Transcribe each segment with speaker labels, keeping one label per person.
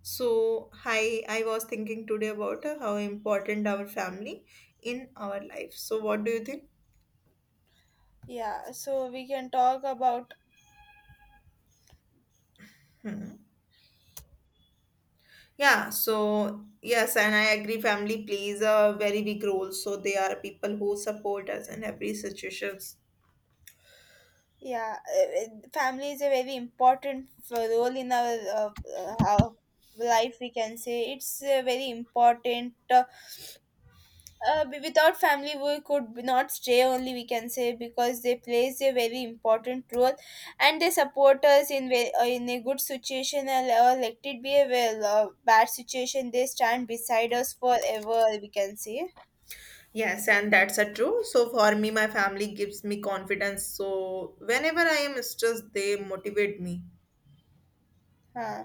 Speaker 1: So, hi, I was thinking today about how important our family in our life. So, what do you think?
Speaker 2: Yeah, so we can talk about
Speaker 1: Hmm. Yeah, so yes, and I agree family plays a very big role. So they are people who support us in every situations.
Speaker 2: yeah, Family is a very important role in our uh, our life. We can say it's very important. Without family, we could not stay. Only we can say because they plays a very important role, and they support us in in a good situation or let it be a well, bad situation. They stand beside us forever. We can say.
Speaker 1: Yes, and that's a true. So for me, my family gives me confidence. So whenever I am stressed, they motivate me.
Speaker 2: Huh.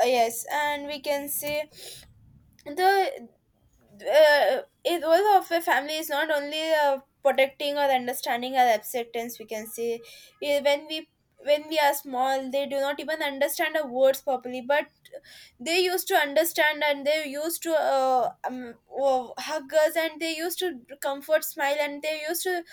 Speaker 2: Yes, and we can say the it role of a family is not only protecting or understanding our acceptance, we can say. Eh, when we when we are small, they do not even understand our words properly, but they used to understand, and they used to hug us, and they used to comfort smile, and they used to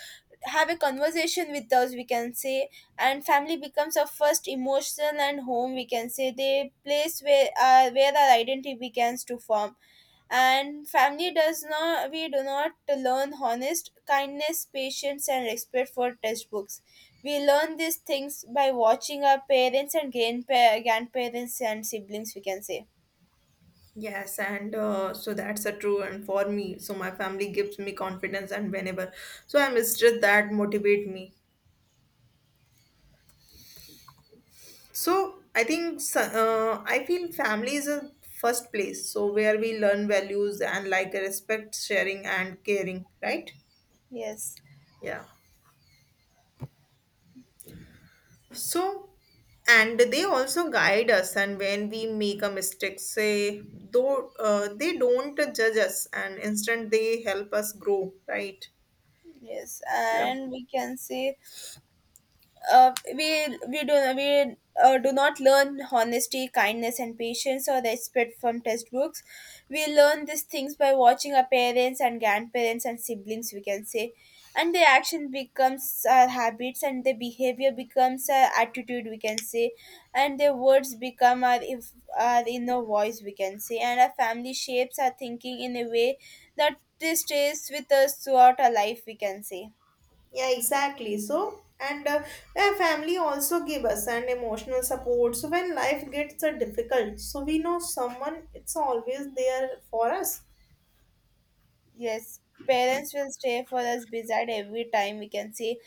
Speaker 2: have a conversation with us, we can say. And family becomes our first emotional and home, we can say, the place where our identity begins to form. And family does not we do not learn honest, kindness, patience, and respect for textbooks. We learn these things by watching our parents and grandparents and siblings, we can say.
Speaker 1: Yes, and so that's a true. And for me, so my family gives me confidence, and whenever so I'm stressed, that motivate me. So I think so- I feel family is a first place. So where we learn values and like respect, sharing, and caring, right?
Speaker 2: yes
Speaker 1: Yeah. So and they also guide us, and when we make a mistake, say though they don't judge us, and instead they help us grow, right?
Speaker 2: yes And we can say, we do not learn honesty, kindness, and patience or respect from textbooks. We learn these things by watching our parents and grandparents and siblings. We can say, and their action becomes our habits, and their behavior becomes our attitude. We can say, and their words become our if our inner voice. We can say, and our family shapes our thinking in a way that this stays with us throughout our life. We can say.
Speaker 1: Yeah, exactly. So, and yeah, family also give us an emotional support. So when life gets difficult, so we know someone it's always there for us.
Speaker 2: Yes, parents will stay for us beside every time, we can see,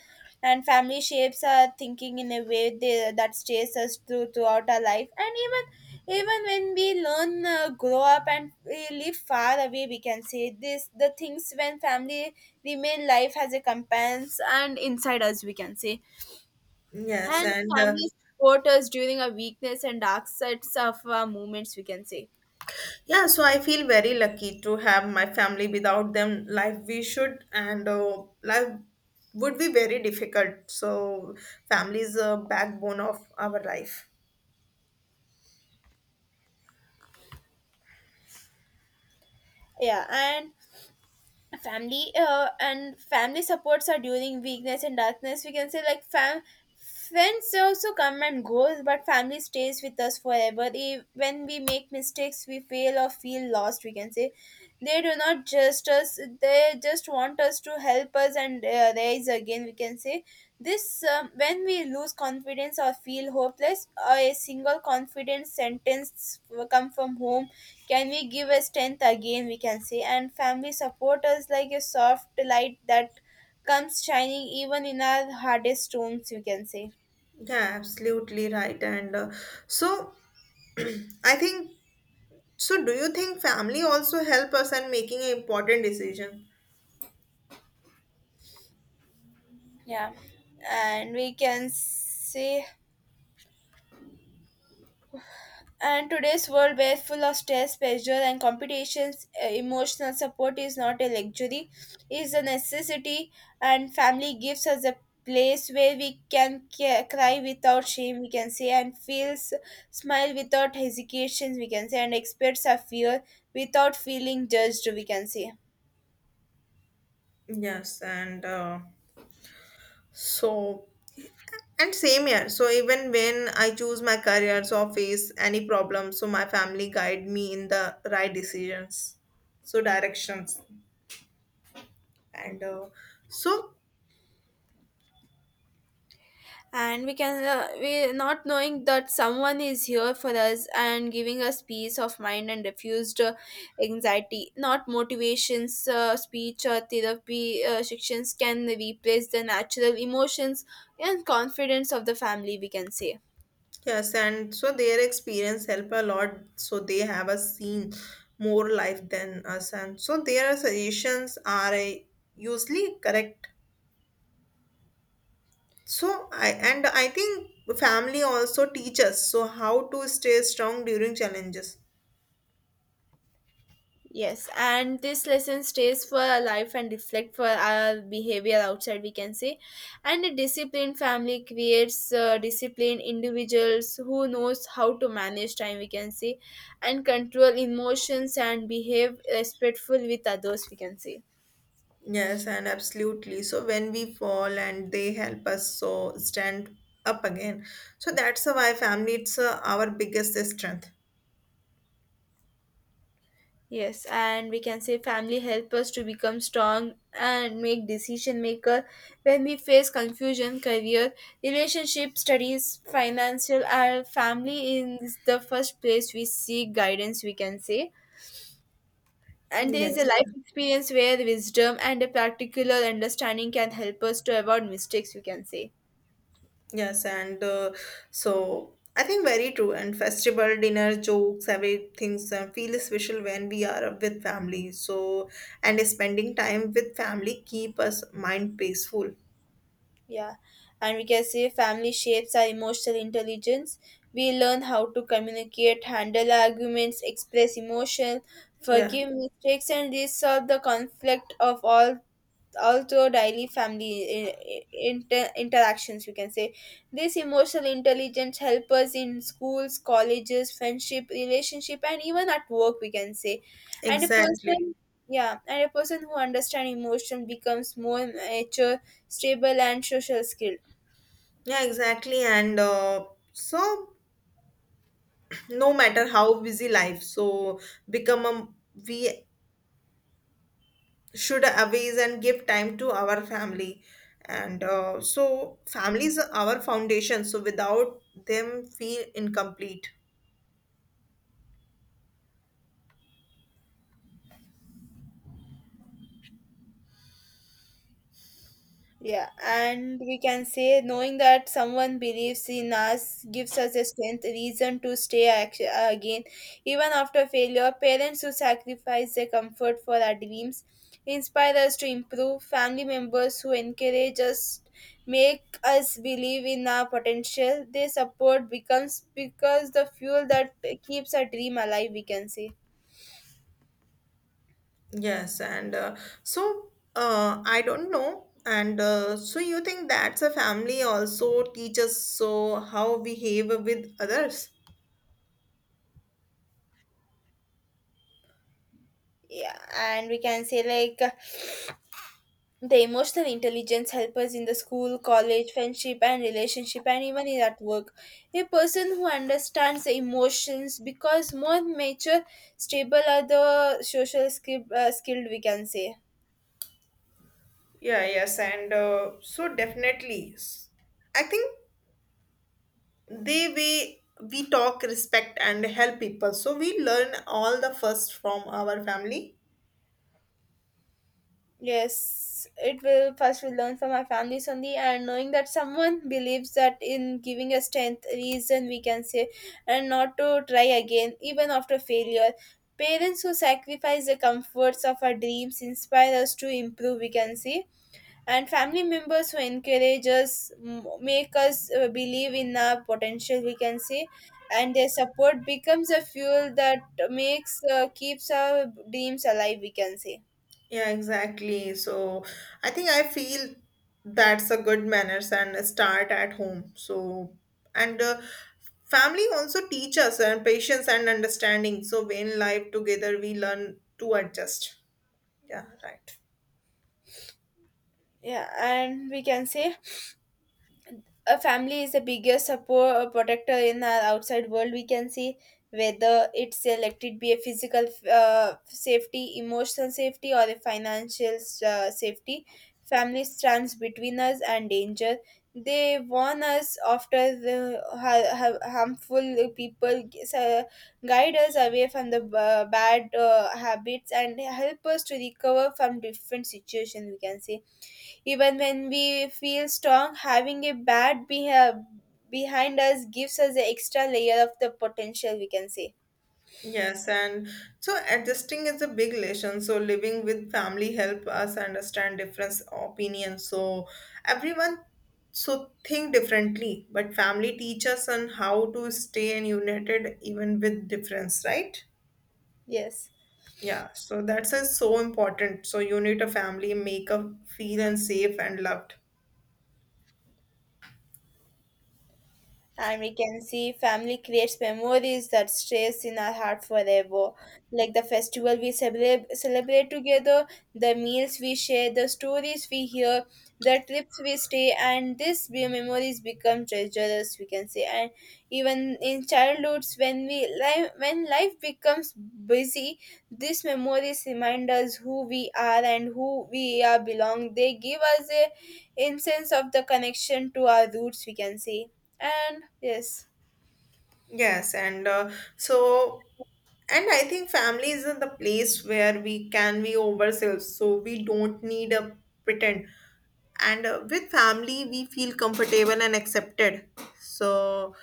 Speaker 2: and family shapes our thinking in a way that stays us throughout our life. And even when we learn, grow up, and we live far away, we can see this the things when family remain life has a companions and inside us, we can say,
Speaker 1: Yes,
Speaker 2: and
Speaker 1: and
Speaker 2: family support us during our weakness and dark sides of our moments, we can say.
Speaker 1: yeah, so I feel very lucky to have my family. Without them, life we should and life would be very difficult. So, family is a backbone of our life.
Speaker 2: Yeah, and family supports are during weakness and darkness, we can say. Like fam Friends also come and go, but family stays with us forever. When we make mistakes, we fail or feel lost, we can say, they do not just us, they just want us to help us and rise again, we can say. This um, when we lose confidence or feel hopeless, a single confident sentence come from home can we give a strength again, we can say, and family support us like a soft light that comes shining even in our hardest rooms, we can say.
Speaker 1: Yeah, absolutely right. And so, I think so, do you think family also help us in making an important decision?
Speaker 2: Yeah. And we can say, and today's world, where full of stress, pressure, and competitions, emotional support is not a luxury, is a necessity. And family gives us a place where we can cry without shame, we can say, and feels smile without hesitations, we can say, and express our fear without feeling judged, we can say.
Speaker 1: Yes, and so and same here. So even when I choose my careers or face any problem, so my family guide me in the right decisions, so directions, and so
Speaker 2: And we not knowing that someone is here for us and giving us peace of mind and refused anxiety, not motivations speech or therapy sections can replace the natural emotions and confidence of the family, we can say.
Speaker 1: yes, and so their experience help a lot. So they have a seen more life than us, and so their suggestions are usually correct. So I and I think family also teach us so how to stay strong during challenges.
Speaker 2: Yes, and this lesson stays for our life and reflect for our behavior outside. We can say, and a disciplined family creates disciplined individuals who knows how to manage time. We can say, and control emotions and behave respectful with others. We can say.
Speaker 1: Yes, and absolutely. So when we fall and they help us so stand up again. So that's why family it's our biggest strength.
Speaker 2: Yes, and we can say family help us to become strong and make decision maker when we face confusion, career, relationship, studies, financial. Our family is the first place we seek guidance. We can say, and there is a
Speaker 1: Yes,
Speaker 2: life experience where wisdom and a practical understanding can help us to avoid mistakes. We can say.
Speaker 1: yes, and so I think very true. And festival dinner jokes, everything feel special when we are with family. So and spending time with family keep us mind peaceful.
Speaker 2: Yeah, and we can say family shapes our emotional intelligence. We learn how to communicate, handle arguments, express emotion,
Speaker 1: Yeah.
Speaker 2: forgive mistakes, and resolve the conflict of all, also daily family interactions, you can say. This emotional intelligence help us in schools, colleges, friendship, relationship, and even at work, we can say. and a
Speaker 1: Exactly.
Speaker 2: person yeah and a person who understands emotion becomes more mature, stable, and social skilled.
Speaker 1: Yeah, exactly. And so, no matter how busy life, so become a we should always and give time to our family. And so, families are our foundation. So, without them, feel incomplete.
Speaker 2: Yeah, and we can say knowing that someone believes in us gives us a strength, reason to stay again. Even after failure, parents who sacrifice their comfort for our dreams inspire us to improve. Family members who encourage us make us believe in our potential. Their support becomes because the fuel that keeps our dream alive, we can say.
Speaker 1: Yes, and so I don't know. And so, you think that's a family also teaches so how behave with others?
Speaker 2: Yeah, and we can say, like, the emotional intelligence helps us in the school, college, friendship, and relationship, and even in at work. A person who understands the emotions because more mature, stable are the social skill, skilled, we can say.
Speaker 1: Yeah, yes, and so definitely, I think they way we talk, respect, and help people. So we learn all the first from our family.
Speaker 2: Yes, it will first will learn from our families only, and knowing that someone believes that in giving a strength reason, we can say, and not to try again even after failure. Parents who sacrifice the comforts of our dreams inspire us to improve. We can see, and family members who encourage us make us believe in our potential, we can say, and their support becomes a fuel that makes keeps our dreams alive, we can say.
Speaker 1: Yeah, exactly. So I think I feel that's a good manners and start at home. So and family also teach us and patience and understanding. So when life together, we learn to adjust. Yeah, right.
Speaker 2: Yeah, and we can say a family is the biggest support protector in our outside world, we can see, whether it's elected be a physical safety, emotional safety, or a financial safety. Family stands between us and danger. They warn us after the harmful people, uh, guide us away from the bad habits, and help us to recover from different situations, we can say. Even when we feel strong, having a behind us gives us an extra layer of the potential, we can say.
Speaker 1: Yes, and so adjusting is a big lesson. So living with family help us understand different opinions. So everyone so think differently, but family teach us on how to stay and united even with difference, right?
Speaker 2: Yes.
Speaker 1: Yeah, so that's is so important. So unit a family, make a feel and safe and loved.
Speaker 2: And we can see family creates memories that stays in our heart forever, like the festival we celebrate, celebrate together, the meals we share, the stories we hear, the trips we stay, and memories become treasures, we can say. And even in childhoods, when we life when life becomes busy, these memories remind us who we are and who we are belong. They give us a, in sense of the connection to our roots, we can say. And yes,
Speaker 1: Yes, and so, and I think family is the place where we can be ourselves, so we don't need a pretend. And with family, we feel comfortable and accepted. So,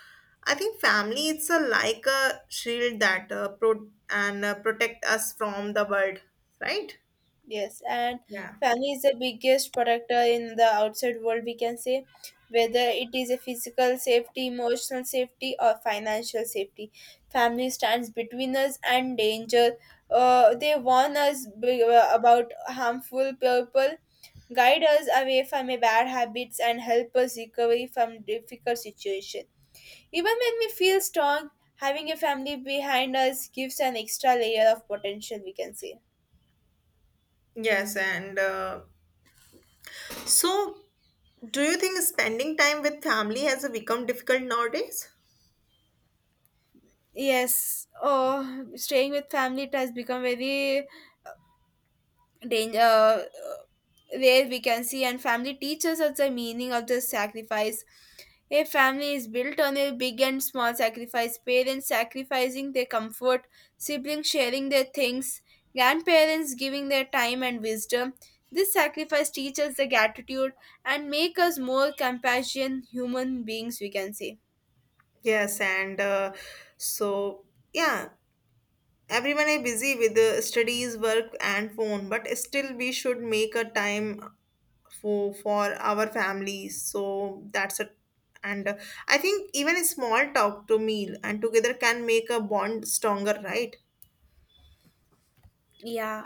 Speaker 1: I think family it's a like a shield that protect us from the world, right?
Speaker 2: yes, and
Speaker 1: Yeah.
Speaker 2: family
Speaker 1: Right.
Speaker 2: is the biggest protector in the outside world, we can say, whether it is a physical safety, emotional safety, or financial safety. Family stands between us and danger. They warn us about harmful people, guide us away from a bad habits, and help us recover from difficult situation. Even when we feel strong, having a family behind us gives an extra layer of potential, we can say.
Speaker 1: Yes, and so, do you think spending time with family has become difficult nowadays?
Speaker 2: Yes, oh, staying with family it has become very danger. Where we can see, and family teaches us the meaning of the sacrifice. A family is built on a big and small sacrifice. Parents sacrificing their comfort, siblings sharing their things, grandparents giving their time and wisdom. This sacrifice teaches the gratitude and make us more compassionate human beings. We can say,
Speaker 1: Yes, and so yeah, everyone is busy with the studies, work, and phone, but still we should make a time for our families. So that's a and I think even a small talk to meal and together can make a bond stronger, right?
Speaker 2: yeah.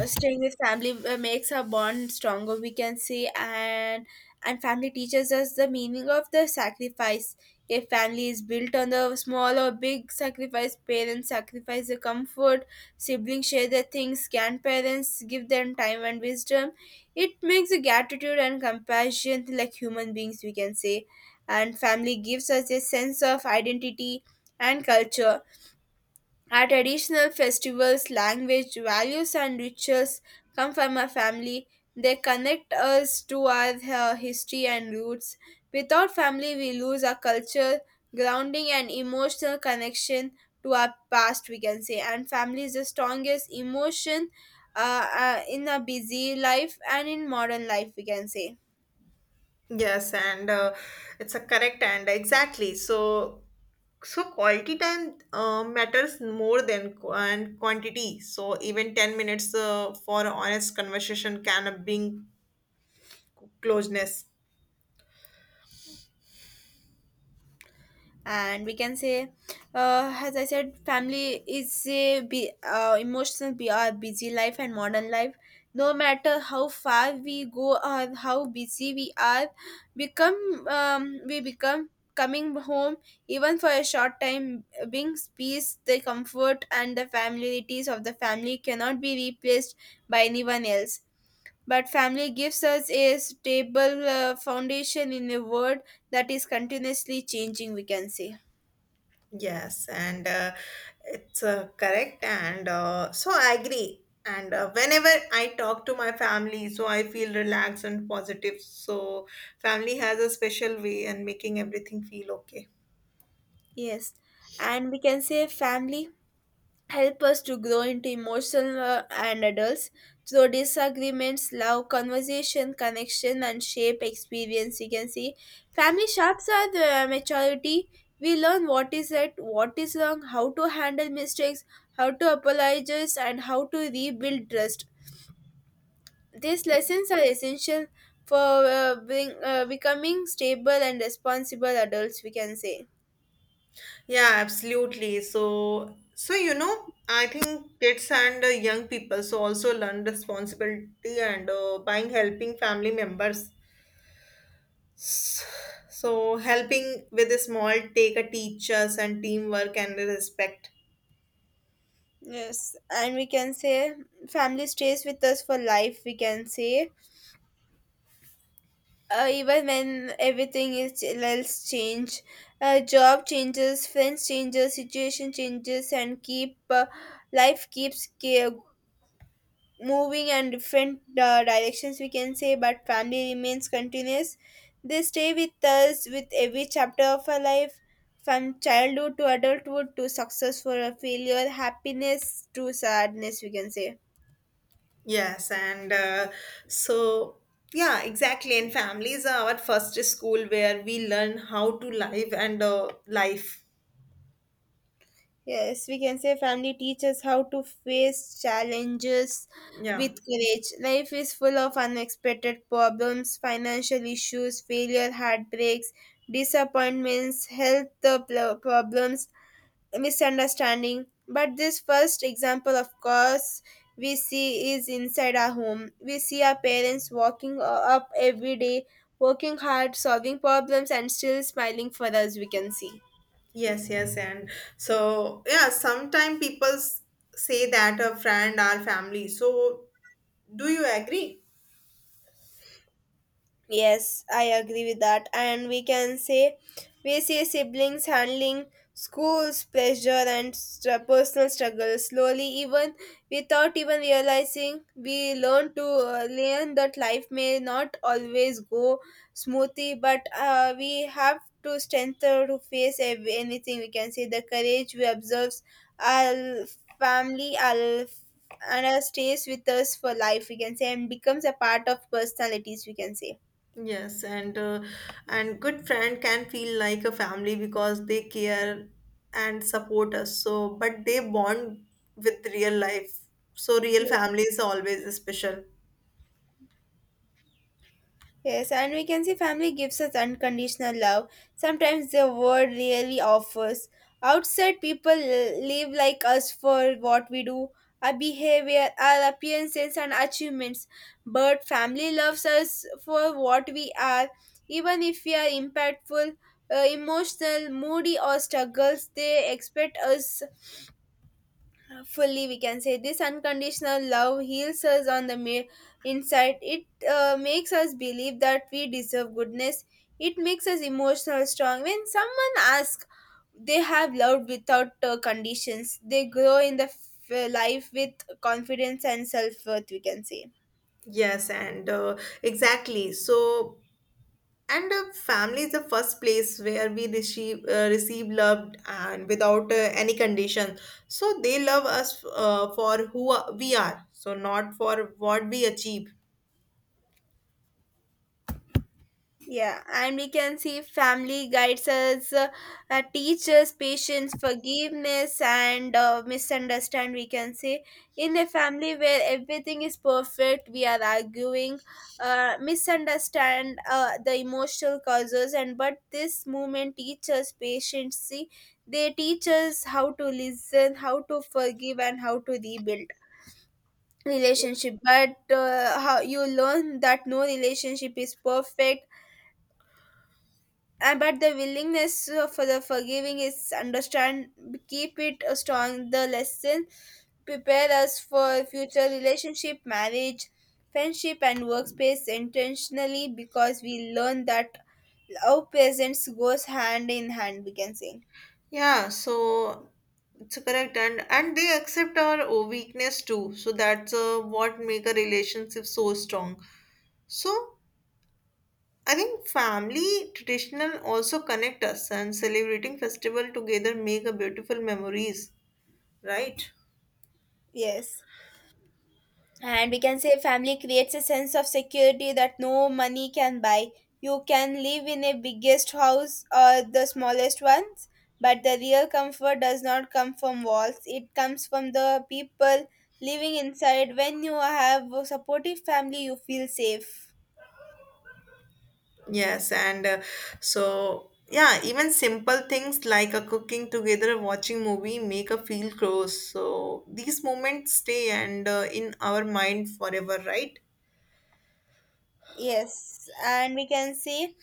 Speaker 2: Staying with family makes our bond stronger, we can say, and family teaches us the meaning of the sacrifice. A family is built on the small or big sacrifice. Parents sacrifice their comfort, siblings share their things, grandparents give them time and wisdom. It makes a gratitude and compassion like human beings, we can say. And family gives us a sense of identity and culture. Our traditional festivals, language, values, and rituals come from our family. They connect us to our history and roots. Without family, we lose our culture, grounding, and emotional connection to our past, we can say. And family is the strongest emotion in a busy life and in modern life, we can say.
Speaker 1: Yes, and it's a correct and exactly. So, so quality time matters more than and quantity. So even 10 minutes for honest conversation can bring closeness.
Speaker 2: And we can say, as I said, family is a emotional be our busy life and modern life. No matter how far we go or how busy we are, become we become coming home, even for a short time, brings peace. The comfort and the familiarities of the family cannot be replaced by anyone else, but family gives us a stable foundation in a world that is continuously changing, we can say.
Speaker 1: Yes, and it's correct. And so I agree. And whenever I talk to my family, so I feel relaxed and positive. So family has a special way and making everything feel okay.
Speaker 2: Yes, and we can say family help us to grow into emotional and adults through disagreements, love, conversation, connection, and shape experience. You can see family shapes our maturity. We learn what is right, what is wrong, how to handle mistakes, how to apologize, and how to rebuild trust. These lessons are essential for becoming stable and responsible adults. We can say.
Speaker 1: Yeah, absolutely. So, so you know, I think kids and young people so also learn responsibility and buying helping family members. S- So, helping with a small take a teachers and teamwork and respect.
Speaker 2: Yes, and we can say family stays with us for life. We can say even when everything is else change, job changes, friends changes, situation changes, and keep life keeps ca- moving and different directions. We can say, but family remains continuous. They stay with us with every chapter of our life, from childhood to adulthood to success for a failure, happiness to sadness. We can say.
Speaker 1: Yes, and so yeah, exactly. And families are our first school where we learn how to live and life.
Speaker 2: Yes, we can say family teaches how to face challenges
Speaker 1: Yeah.
Speaker 2: with courage. Life is full of unexpected problems, financial issues, failure, heartbreaks, disappointments, health problems, misunderstanding. But this first example, of course, we see is inside our home. We see our parents walking up every day, working hard, solving problems, and still smiling for us, we can see.
Speaker 1: Yes, yes, and so yeah, sometimes people say that a friend or family. So, do you agree?
Speaker 2: Yes, I agree with that. And we can say we see siblings handling schools, pressure, and personal struggles slowly, even without even realizing. We learn to learn that life may not always go smoothly, but we have to strengthen to face anything. We can say the courage we observe our family, and our stays with us for life. We can say and becomes a part of personalities. We can say.
Speaker 1: Yes, and good friend can feel like a family because they care and support us. So, but they bond with real life. So, real family is always special.
Speaker 2: Yes, and we can see family gives us unconditional love. Sometimes the world really offers. Outside people live like us for what we do, our behavior, our appearances, and achievements. But family loves us for what we are. Even if we are impactful, emotional, moody, or struggles, they expect us fully, we can say. This unconditional love heals us on the mere inside. It makes us believe that we deserve goodness. It makes us emotional strong. When someone asks, they have loved without conditions. They grow in the life with confidence and self-worth, we can say.
Speaker 1: Yes, and exactly. So, and family is the first place where we receive receive love and without any condition. So they love us for who we are, so not for what we achieve.
Speaker 2: Yeah, and we can see family guides us, teaches patience, forgiveness, and misunderstand. We can say in a family where everything is perfect, we are arguing, misunderstand the emotional causes, and but this movement teaches patience. See, they teach us how to listen, how to forgive, and how to rebuild relationship. But how you learn that no relationship is perfect, but the willingness for the forgiving is understand, keep it strong. The lesson prepare us for future relationship marriage, friendship, and workspace intentionally, because we learn that love presence goes hand in hand, we can say.
Speaker 1: Yeah, so it's correct, and they accept our weakness too. So that's what make a relationship so strong. So I think family traditional also connect us, and celebrating festival together make a beautiful memories, right?
Speaker 2: Yes, and we can say family creates a sense of security that no money can buy. You can live in a biggest house or the smallest ones, but the real comfort does not come from walls. It comes from the people living inside. When you have a supportive family, you feel safe.
Speaker 1: Yes, and so yeah, even simple things like a cooking together, watching movie make a feel close. So these moments stay and in our mind forever, right?
Speaker 2: Yes, and we can say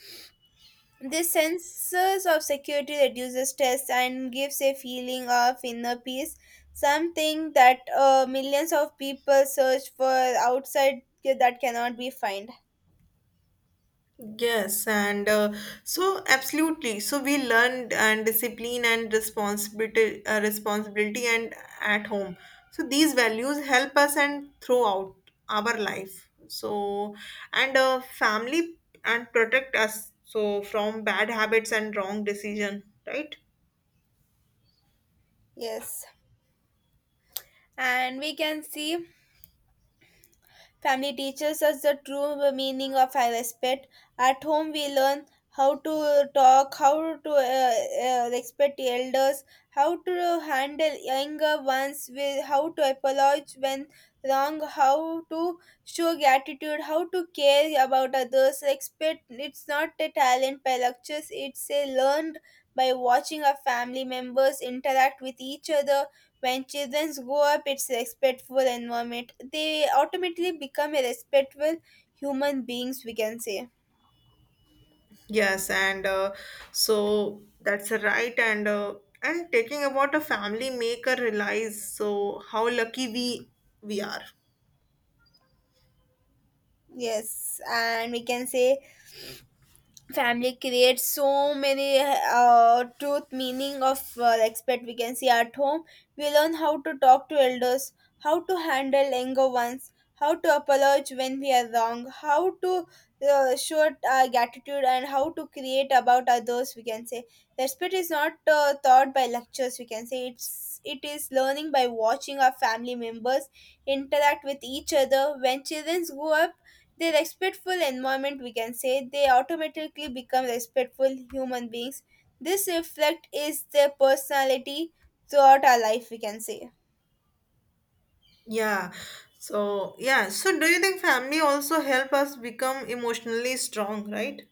Speaker 2: this sense of security reduces stress and gives a feeling of inner peace, something that millions of people search for outside that cannot be found.
Speaker 1: Yes, and so absolutely. So we learned and discipline and responsibility, responsibility and at home. So these values help us and throughout our life. So and family and protect us so from bad habits and wrong decision, right?
Speaker 2: Yes. And we can see family teaches us the true meaning of our respect. At home, we learn how to talk, how to respect the elders, how to handle younger ones, with, how to apologize when wrong, how to show gratitude, how to care about others. Respect, it's not a talent by lectures, it's a learned by watching our family members interact with each other. When children grow up its respectful environment, they automatically become a respectful human beings, we can say.
Speaker 1: Yes, and so that's a right. And taking about a family make her realize so how lucky we are.
Speaker 2: Yes, and we can say family creates so many truth meaning of respect. We can see at home we learn how to talk to elders, how to handle anger once, how to apologize when we are wrong, how to show our gratitude, and how to create about others, we can say. Respect is not taught by lectures, we can say. It's it is learning by watching our family members interact with each other. When children grow up their respectful environment, we can say, they automatically become respectful human beings. This reflect is their personality throughout our life, we can say.
Speaker 1: Yeah. So, yeah. So, do you think family also help us become emotionally strong, right?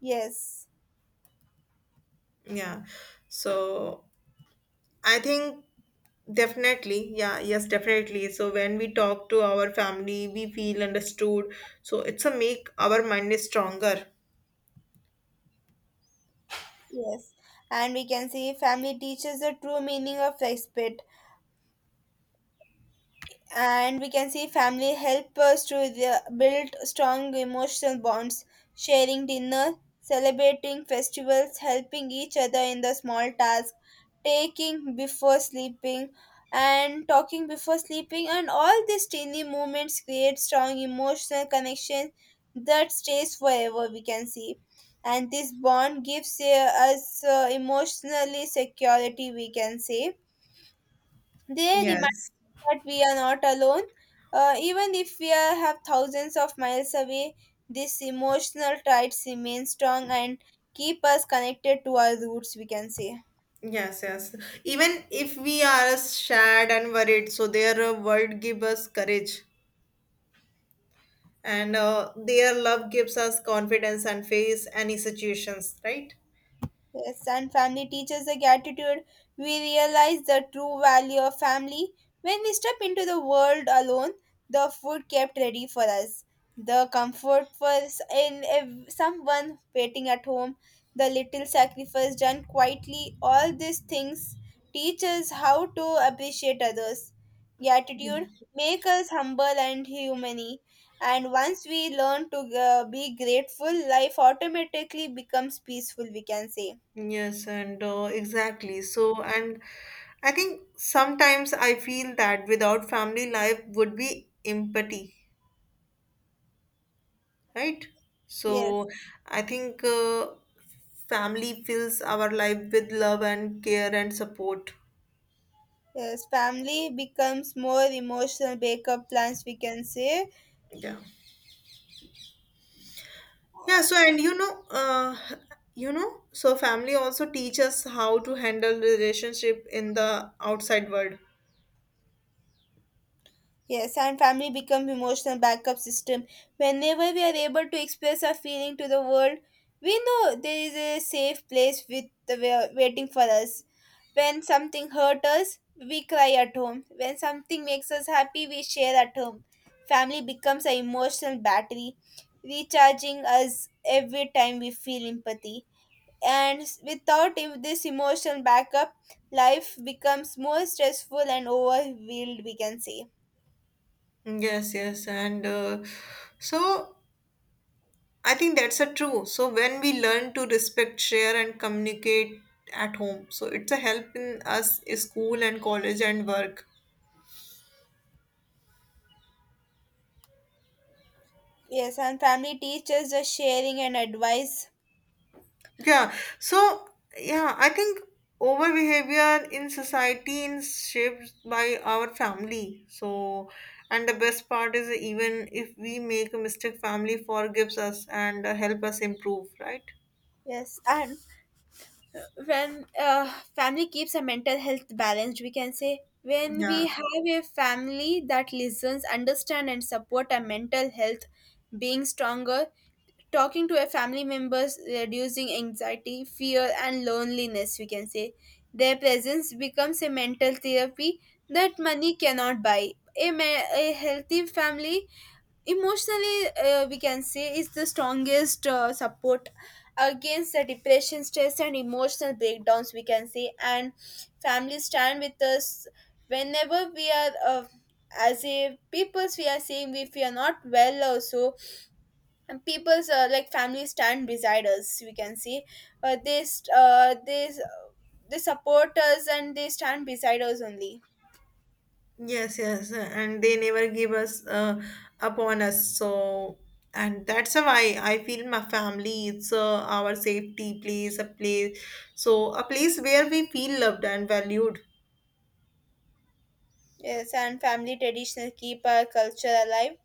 Speaker 2: Yes,
Speaker 1: Yeah. So, I think definitely. Yeah. Yes, definitely. So, when we talk to our family, we feel understood. So, it's a make our mind is stronger.
Speaker 2: yes, and we can say family teaches the true meaning of respect. And we can see family help us to the, build strong emotional bonds. Sharing dinner, celebrating festivals, helping each other in the small tasks, taking before sleeping and talking before sleeping, and all these teeny moments create strong emotional connection that stays forever, we can see. And this bond gives us emotionally security, we can say. They remind
Speaker 1: Yes.
Speaker 2: that we are not alone, even if we are, have thousands of miles away. This emotional ties remain strong and keep us connected to our roots. We can say.
Speaker 1: Yes, yes. Even if we are sad and worried, so their word give us courage, and their love gives us confidence and face any situations, right?
Speaker 2: Yes, and family teaches the gratitude. We realize the true value of family when we step into the world alone. The food kept ready for us, the comfort for someone waiting at home, the little sacrifice done quietly. All these things teach us how to appreciate others. Gratitude make us humble and humane. And once we learn to be grateful, life automatically becomes peaceful. We can say.
Speaker 1: Yes, and exactly. So, and I think sometimes I feel that without family life would be empty, right?
Speaker 2: Yes,
Speaker 1: So, I think family fills our life with love and care and support.
Speaker 2: yes. Family becomes more emotional backup plans, we can say.
Speaker 1: Yeah. Yeah, so and you know, so family also teach us how to handle relationship in the outside world.
Speaker 2: Yes, and family become emotional backup system. Whenever we are able to express our feeling to the world, we know there is a safe place with the waiting for us. When something hurt us, we cry at home. When something makes us happy, we share at home. Family becomes an emotional battery, recharging us every time we feel empathy. And without, if this emotional backup, life becomes more stressful and overwhelmed, we can say.
Speaker 1: Yes, yes, and so I think that's a true. So when we learn to respect, share, and communicate at home, so it's a help in us in school and college and work.
Speaker 2: Yes, and family teaches the sharing and advice.
Speaker 1: Yeah. So yeah, I think over behavior in society is shaped by our family. So and the best part is even if we make a mistake, family forgives us and help us improve. Right.
Speaker 2: Yes, and when family keeps a mental health balanced, we can say, when we
Speaker 1: Yeah.
Speaker 2: have a family that listens understand and support our mental health, being stronger, talking to a family members, reducing anxiety, fear, and loneliness, we can say. Their presence becomes a mental therapy that money cannot buy. A healthy family emotionally, we can say, is the strongest support against the depression, stress, and emotional breakdowns, we can say. And families stand with us whenever we are as a peoples, we are saying, if we are not well also. And people's like families stand beside us, we can see. uh, they st- uh, they s- they support us and they stand beside us only.
Speaker 1: Yes, yes, and they never give us upon us. So, and that's why I feel my family it's our safety place, a place, so a place where we feel loved and valued.
Speaker 2: Yes, and family traditions keep our culture alive.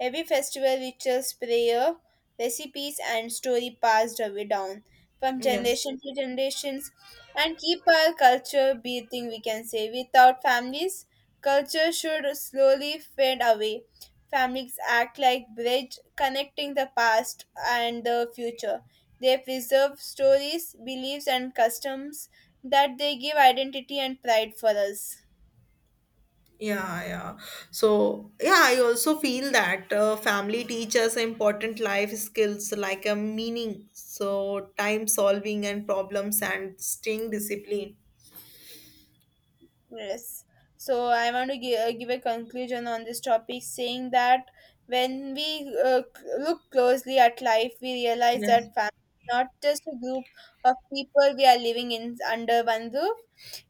Speaker 2: Every festival rituals, prayer, recipes, and story passed away down from
Speaker 1: Yes.
Speaker 2: generation to generations and keep our culture beating, we can say. Without families, culture should slowly fade away. Families act like bridge connecting the past and the future. They preserve stories, beliefs, and customs that they give identity and pride for us.
Speaker 1: Yeah, yeah. So, yeah, I also feel that family teaches important life skills like a meaning, so time solving and problems and staying disciplined.
Speaker 2: Yes. So I want to give, give a conclusion on this topic, saying that when we look closely at life, we realize
Speaker 1: Yes.
Speaker 2: that family is not just a group of people we are living in under one roof.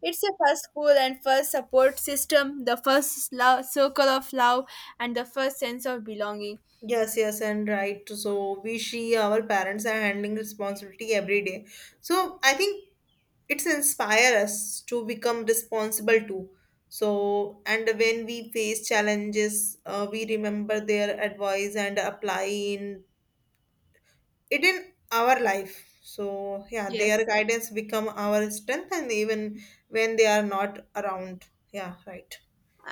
Speaker 2: It's the first school and first support system, the first love, circle of love, and the first sense of belonging.
Speaker 1: Yes, yes, and right. So we see our parents are handling responsibility every day. So I think it's inspire us to become responsible too. So and when we face challenges, we remember their advice and apply in it in our life. So yeah, their
Speaker 2: Yes.
Speaker 1: guidance become our strength, and even when they are not around. Yeah, right.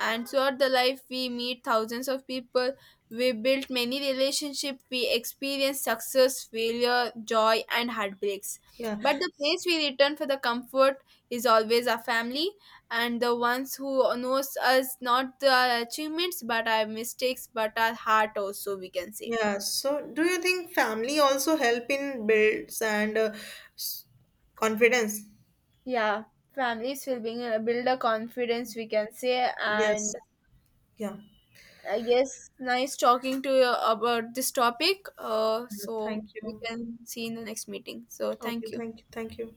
Speaker 2: And throughout the life we meet thousands of people, we build many relationships, we experience success, failure, joy, and heartbreaks.
Speaker 1: Yeah.
Speaker 2: But the place we return for the comfort is always our family, and the ones who knows us not the achievements but our mistakes, but our heart also, we can say.
Speaker 1: Yeah, so do you think family also help in builds and s- confidence?
Speaker 2: Yeah, families will bring, build a confidence, we can say.
Speaker 1: Yes.
Speaker 2: And
Speaker 1: Yeah.
Speaker 2: I guess nice talking to you about this topic. So
Speaker 1: Thank
Speaker 2: we
Speaker 1: you.
Speaker 2: can see in the next meeting. So
Speaker 1: Okay,
Speaker 2: thank you.
Speaker 1: thank you. Thank you.